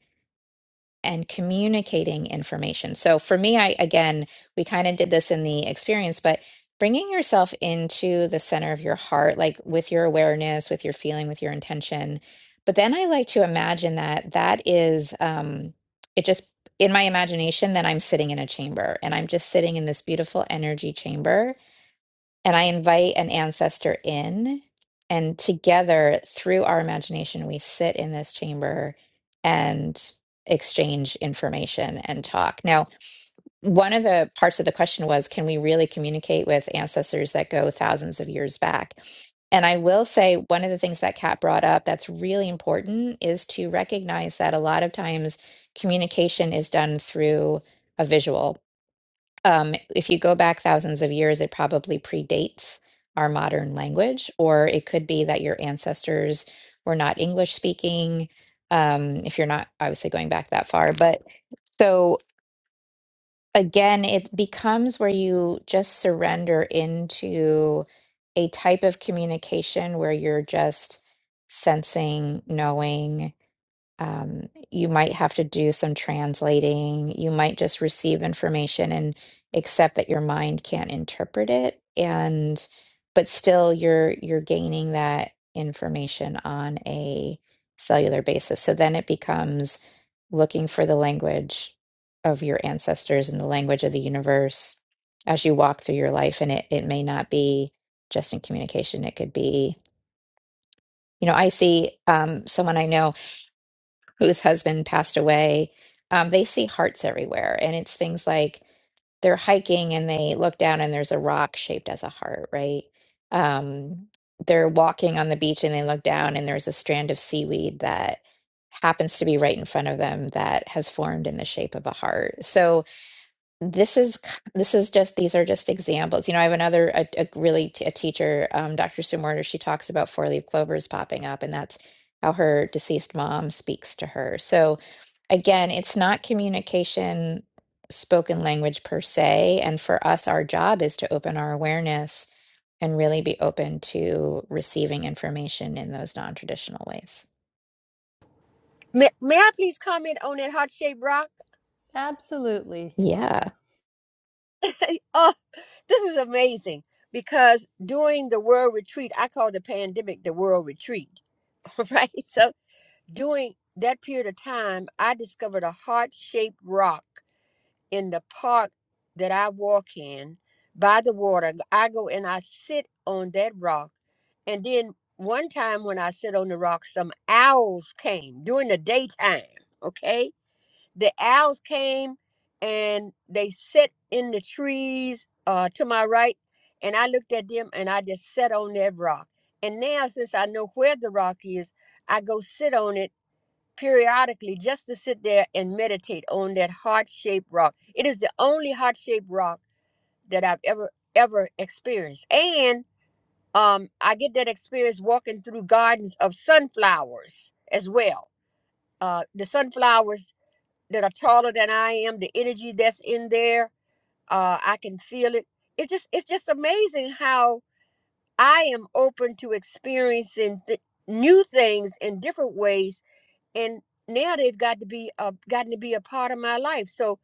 and communicating information. So for me, I again, we kind of did this in the experience, but bringing yourself into the center of your heart, like with your awareness, with your feeling, with your intention. But then I like to imagine that that is, um, it just in my imagination, then I'm sitting in a chamber and I'm just sitting in this beautiful energy chamber and I invite an ancestor in. And together, through our imagination, we sit in this chamber and exchange information and talk. Now, one of the parts of the question was can we really communicate with ancestors that go thousands of years back? And I will say, one of the things that Kat brought up that's really important is to recognize that a lot of times communication is done through a visual um, if you go back thousands of years, it probably predates our modern language, or it could be that your ancestors were not English speaking, um, if you're not obviously going back that far. But so again, it becomes where you just surrender into a type of communication where you're just sensing, knowing, um, you might have to do some translating. You might just receive information and accept that your mind can't interpret it, and but still you're you're gaining that information on a cellular basis. So then it becomes looking for the language of your ancestors and the language of the universe as you walk through your life, and it it may not be just in communication. It could be, you know, I see um, someone I know whose husband passed away, um, they see hearts everywhere. And it's things like they're hiking and they look down and there's a rock shaped as a heart, right? Um, they're walking on the beach and they look down and there's a strand of seaweed that happens to be right in front of them that has formed in the shape of a heart. So, this is k- this is just these are just examples you know i have another a, a really t- a teacher um, dr sue Warner, she talks about four leaf clovers popping up and that's how her deceased mom speaks to her so again it's not communication spoken language per se and for us our job is to open our awareness and really be open to receiving information in those non-traditional ways May, may I please comment on that heart shaped rock? Absolutely, yeah Imaja. oh, this is amazing because during the world retreat, I call the pandemic the world retreat, right? So during that period of time, I discovered a heart shaped rock in the park that I walk in by the water. I go and I sit on that rock. And then one time when I sit on the rock, some owls came during the daytime. Okay. The owls came and they sit in the trees uh, to my right. And I looked at them and I just sat on that rock. And now, since I know where the rock is, I go sit on it periodically just to sit there and meditate on that heart-shaped rock. It is the only heart-shaped rock that I've ever ever experienced. And um I get that experience walking through gardens of sunflowers as well. Uh the sunflowers that are taller than I am, the energy that's in there, uh I can feel it. It's just it's just amazing how I am open to experiencing th- new things in different ways and now they've got to be a, gotten to be a part of my life so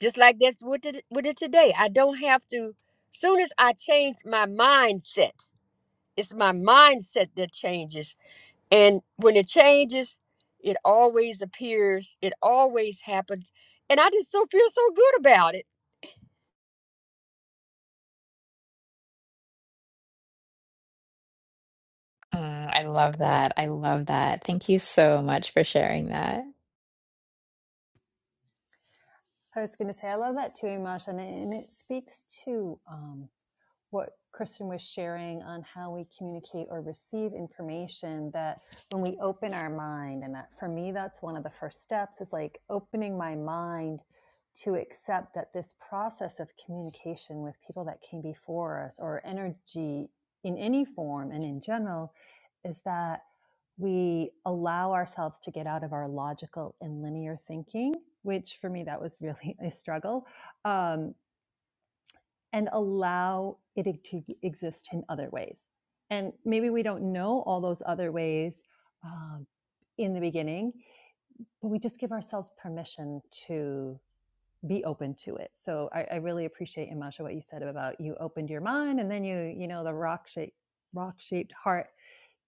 just like that's with it with it today i don't have to soon as i change my mindset it's my mindset that changes and when it changes it always appears it always happens and i just so feel so good about it Mm, i love that i love that thank you so much for sharing that I was going to say, I love that too, Imaja, and it, and it speaks to um, what Kristen was sharing on how we communicate or receive information that when we open our mind, and that, for me, that's one of the first steps is like opening my mind to accept that this process of communication with people that came before us or energy in any form and in general is that we allow ourselves to get out of our logical and linear thinking, which for me, that was really a struggle. Um, and allow it e-, to e-, exist in other ways. And maybe we don't know all those other ways um, in the beginning, but we just give ourselves permission to be open to it. So I, I really appreciate Imasha what you said about you opened your mind and then you, you know, the rock shape rock shaped heart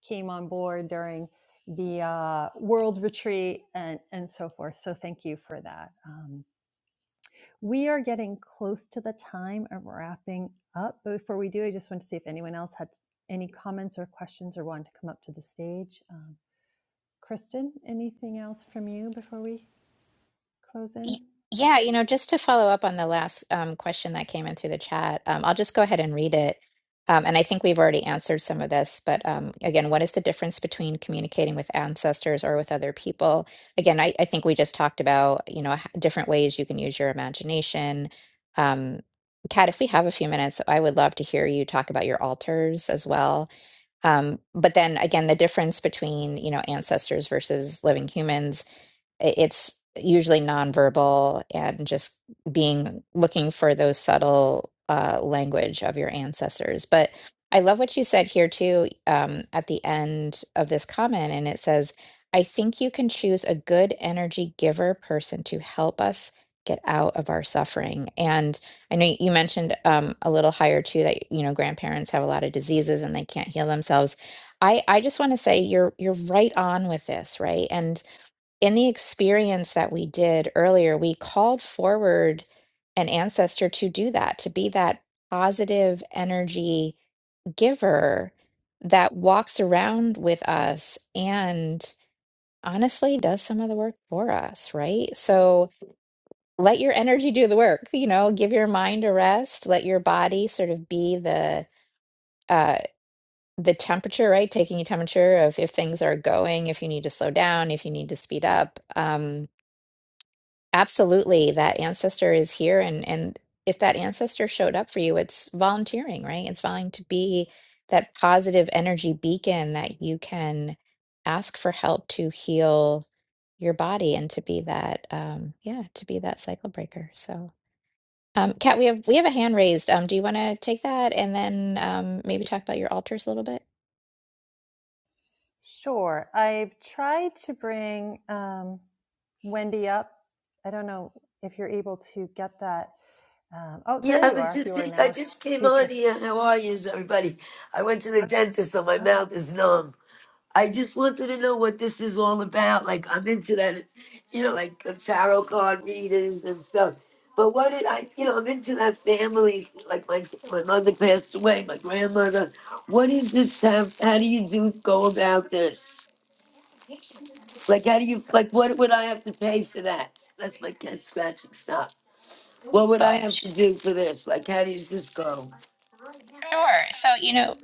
came on board during the uh, world retreat and and so forth. So thank you for that. Um, we are getting close to the time of wrapping up. But before we do, I just want to see if anyone else had any comments or questions or wanted to come up to the stage. Um, Kristen, anything else from you before we close Y- in? Yeah, you know, just to follow up on the last um, question that came in through the chat, um, I'll just go ahead and read it. Um, and I think we've already answered some of this, but um, again, what is the difference between communicating with ancestors or with other people? Again, I, I think we just talked about, you know, h- different ways you can use your imagination. Um, Kat, if we have a few minutes, I would love to hear you talk about your altars as well. Um, but then again, the difference between, you know, ancestors versus living humans i- it's usually nonverbal and just being looking for those subtle uh, language of your ancestors. But I love what you said here too um, at the end of this comment, and it says, "I think you can choose a good energy giver person to help us." get out of our suffering and i know you mentioned um, a little higher too that you know grandparents have a lot of diseases and they can't heal themselves i i just want to say you're you're right on with this right and in the experience that we did earlier, we called forward an ancestor to do that, to be that positive energy giver that walks around with us and honestly does some of the work for us, right? So let your energy do the work, you know, give your mind a rest, let your body sort of be the uh the temperature, right? Taking a temperature of if things are going, if you need to slow down, if you need to speed up. Um Absolutely. That ancestor is here and and if that ancestor showed up for you, it's volunteering, right? It's vying to be that positive energy beacon that you can ask for help to heal your body and to be that um yeah, to be that cycle breaker. So um Kat, we have we have a hand raised. Um do you want to take that and then um maybe talk about your altars a little bit? Sure. I've tried to bring um, Wendy up. I don't know if you're able to get that. Um, oh, Yeah, there I you was are. just You are think now I our just came on speaker. here. How are you, everybody? I went to the dentist, so my Uh, mouth is numb. I just wanted to know what this is all about. Like I'm into that, you know, like the tarot card readings and stuff. But what did I, you know, I'm into that family. Like my my mother passed away, my grandmother. What is this? Have, how do you do go about this? Like how do you like? What would I have to pay for that? That's my cat scratching stop. What would I Oh, have sh- to do for this? Like how does this go? sure. So, you know,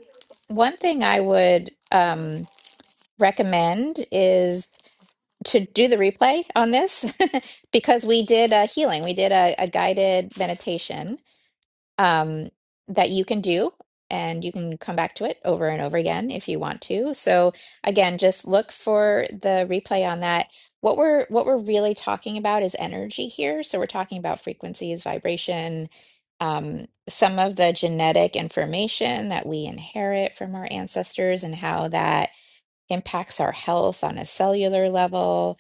one thing I would um recommend is to do the replay on this because we did a healing. We did a, a guided meditation um, that you can do, and you can come back to it over and over again if you want to. So again, just look for the replay on that. What we're what we're really talking about is energy here. So we're talking about frequencies, vibration, um, some of the genetic information that we inherit from our ancestors, and how that impacts our health on a cellular level.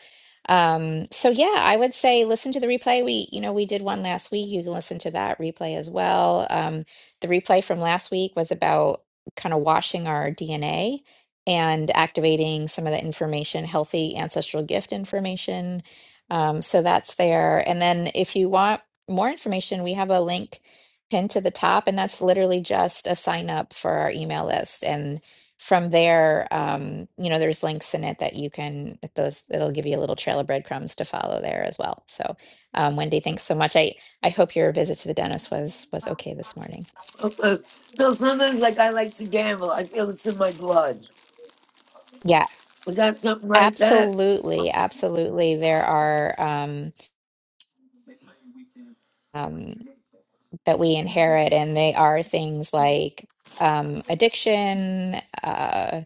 Um, so yeah, I would say listen to the replay. We, you know, we did one last week. You can listen to that replay as well. Um, the replay from last week was about kind of washing our DNA and activating some of the information, healthy ancestral gift information. Um, so that's there. And then if you want more information, we have a link pinned to the top, and that's literally just a sign up for our email list. and from there, um, you know, there's links in it that you can with those it'll give you a little trail of breadcrumbs to follow there as well. So, um, Wendy, thanks so much. I I hope your visit to the dentist was was okay this morning. Uh, No, sometimes like I like to gamble. I feel it's in my blood. Yeah, Is that something like that? absolutely, absolutely. There are um, um, that we inherit, and they are things like um, addiction, uh,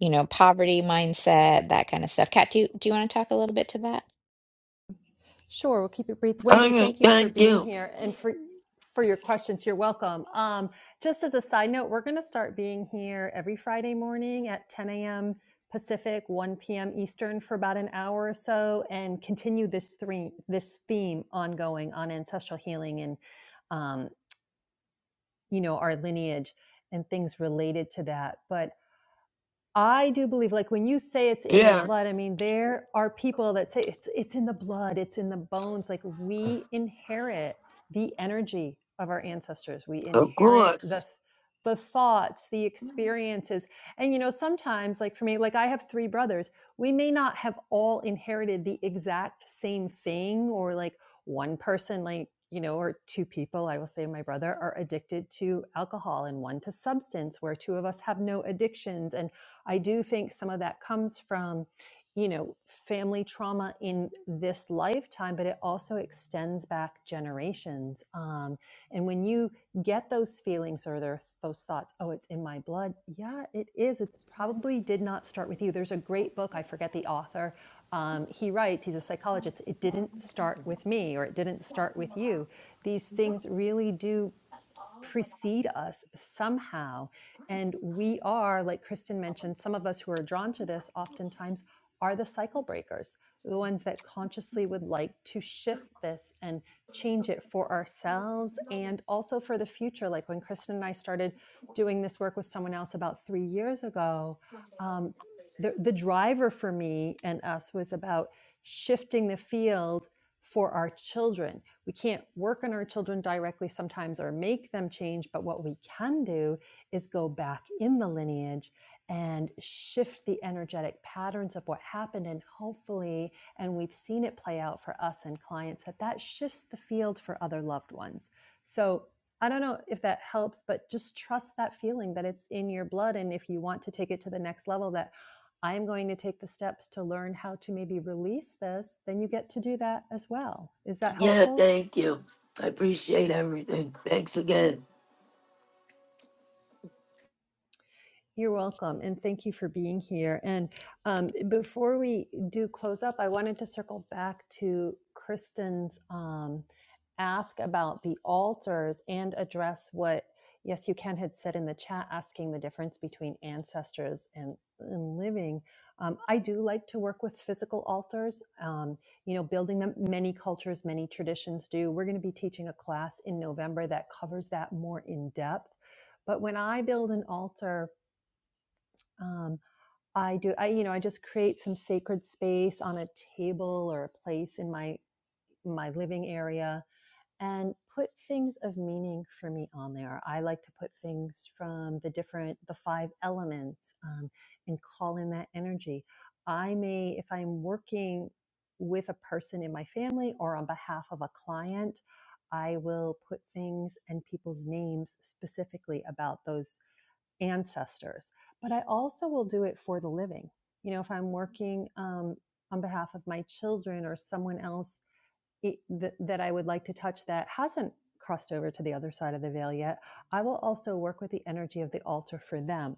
you know, poverty mindset, that kind of stuff. Kat, do you do you want to talk a little bit to that? Sure, we'll keep it brief. Oh, Wendy, yeah, thank you for thank being you. here and for for your questions. You're welcome. Um, just as a side note, we're going to start being here every Friday morning at 10 a.m. Pacific, 1 p.m. Eastern for about an hour or so, and continue this three this theme ongoing on ancestral healing and. um, you know, our lineage and things related to that. But I do believe, like when you say it's in your Yeah, blood, I mean there are people that say it's it's in the blood, it's in the bones. Like we inherit the energy of our ancestors. We of inherit the course. the thoughts, the experiences, and you know sometimes, like for me, like I have three brothers. We may not have all inherited the exact same thing, or like one person, like you know, or two people. I will say my brother are addicted to alcohol, and one to substance, where two of us have no addictions, and I do think some of that comes from, you know, family trauma in this lifetime, but it also extends back generations. Um, and when you get those feelings or their, those thoughts, oh, it's in my blood. Yeah, it is. It probably did not start with you. There's a great book, I forget the author. Um, he writes, he's a psychologist, it didn't start with me or it didn't start with you. These things really do precede us somehow. And we are, like Kristen mentioned, some of us who are drawn to this oftentimes are the cycle breakers, the ones that consciously would like to shift this and change it for ourselves and also for the future. Like when Kristen and I started doing this work with someone else about three years ago, um, the, the driver for me and us was about shifting the field for our children we can't work on our children directly sometimes or make them change, but what we can do is go back in the lineage and shift the energetic patterns of what happened. And hopefully, and we've seen it play out for us and clients, that that shifts the field for other loved ones. So I don't know if that helps, but just trust that feeling that it's in your blood. And if you want to take it to the next level, that I'm going to take the steps to learn how to maybe release this, then you get to do that as well. Is that Yeah, helpful? thank you. I appreciate everything. Thanks again. You're welcome, and thank you for being here. And um, before we do close up, I wanted to circle back to Kristen's um, ask about the altars and address what Yes You Can had said in the chat, asking the difference between ancestors and, and living. Um, I do like to work with physical altars, um, you know, building them. Many cultures, many traditions do. We're going to be teaching a class in November that covers that more in depth. But when I build an altar, um, I do. I you know I just create some sacred space on a table or a place in my my living area and put things of meaning for me on there. I like to put things from the different the five elements um, and call in that energy. I may if I'm working with a person in my family or on behalf of a client, I will put things and people's names specifically about those ancestors, but I also will do it for the living. You know, if I'm working um, on behalf of my children or someone else it, th- that I would like to touch that hasn't crossed over to the other side of the veil yet, I will also work with the energy of the altar for them.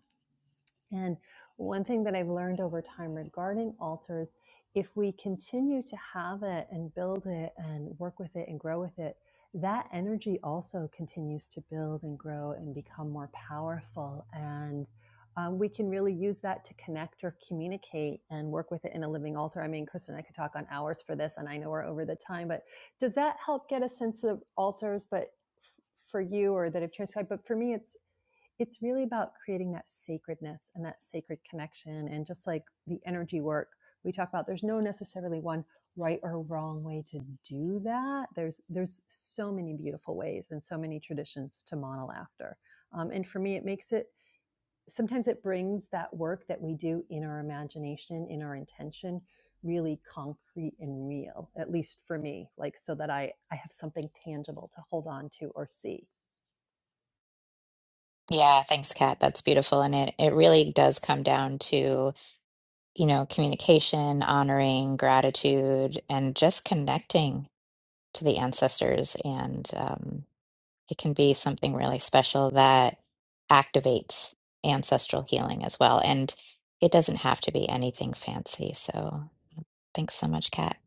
And one thing that I've learned over time regarding altars, if we continue to have it and build it and work with it and grow with it, that energy also continues to build and grow and become more powerful. And um, we can really use that to connect or communicate and work with it in a living altar. I mean, Kristen, and I could talk on hours for this, and I know we're over the time, but does that help get a sense of altars? But for you, or that have transcribed, but for me, it's it's really about creating that sacredness and that sacred connection and just like the energy work we talk about there's no necessarily one right or wrong way to do that there's there's so many beautiful ways and so many traditions to model after um, and for me it makes it sometimes it brings that work that we do in our imagination, in our intention, really concrete and real, at least for me, like so that I, I have something tangible to hold on to or see. Yeah, thanks, Kat. That's beautiful. And it, it really does come down to, you know, communication, honoring, gratitude, and just connecting to the ancestors. And um, it can be something really special that activates ancestral healing as well. And it doesn't have to be anything fancy. So thanks so much, Kat.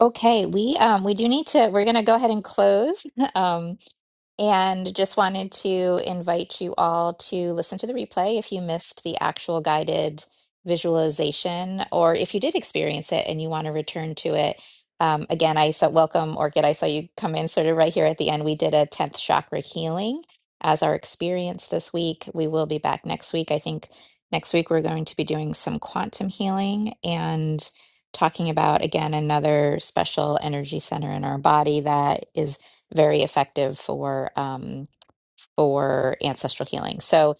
Okay, we um we do need to we're gonna go ahead and close. Um and just wanted to invite you all to listen to the replay if you missed the actual guided visualization, or if you did experience it and you want to return to it. Um, again, I saw welcome, Orchid. I saw you come in sort of right here at the end. We did a 10th chakra healing as our experience this week. We will be back next week. I think next week we're going to be doing some quantum healing and talking about, again, another special energy center in our body that is very effective for um, for ancestral healing. So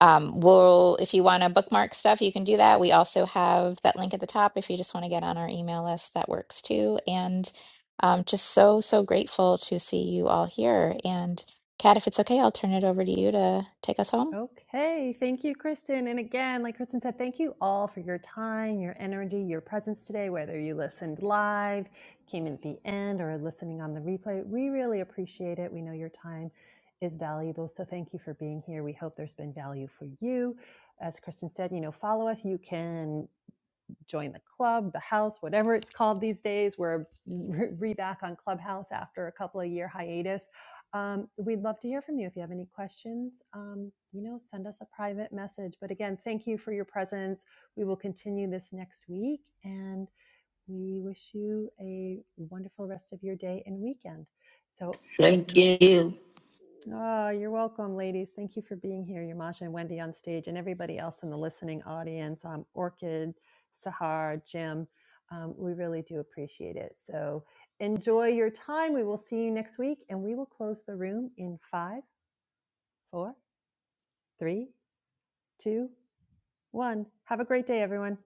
um, we'll if you want to bookmark stuff, you can do that. We also have that link at the top if you just want to get on our email list. That works too. And um, just so so grateful to see you all here. And Kat, if it's okay, I'll turn it over to you to take us home. Okay, thank you, Kristen. And again, like Kristen said, thank you all for your time, your energy, your presence today, whether you listened live, came in at the end, or are listening on the replay. We really appreciate it. We know your time is valuable. So thank you for being here. We hope there's been value for you. As Kristen said, you know, follow us. You can join the club, the house, whatever it's called these days. We're re back on Clubhouse after a couple of year hiatus. Um, we'd love to hear from you if you have any questions. Um, you know, send us a private message. But again, thank you for your presence. We will continue this next week, and we wish you a wonderful rest of your day and weekend. So Thank you. Oh, you're welcome, ladies. Thank you for being here, Yamasha and Wendy on stage, and everybody else in the listening audience, um, Orchid, Sahar, Jim. Um, we really do appreciate it. So enjoy your time. We will see you next week, and we will close the room in five, four, three, two, one. Have a great day, everyone.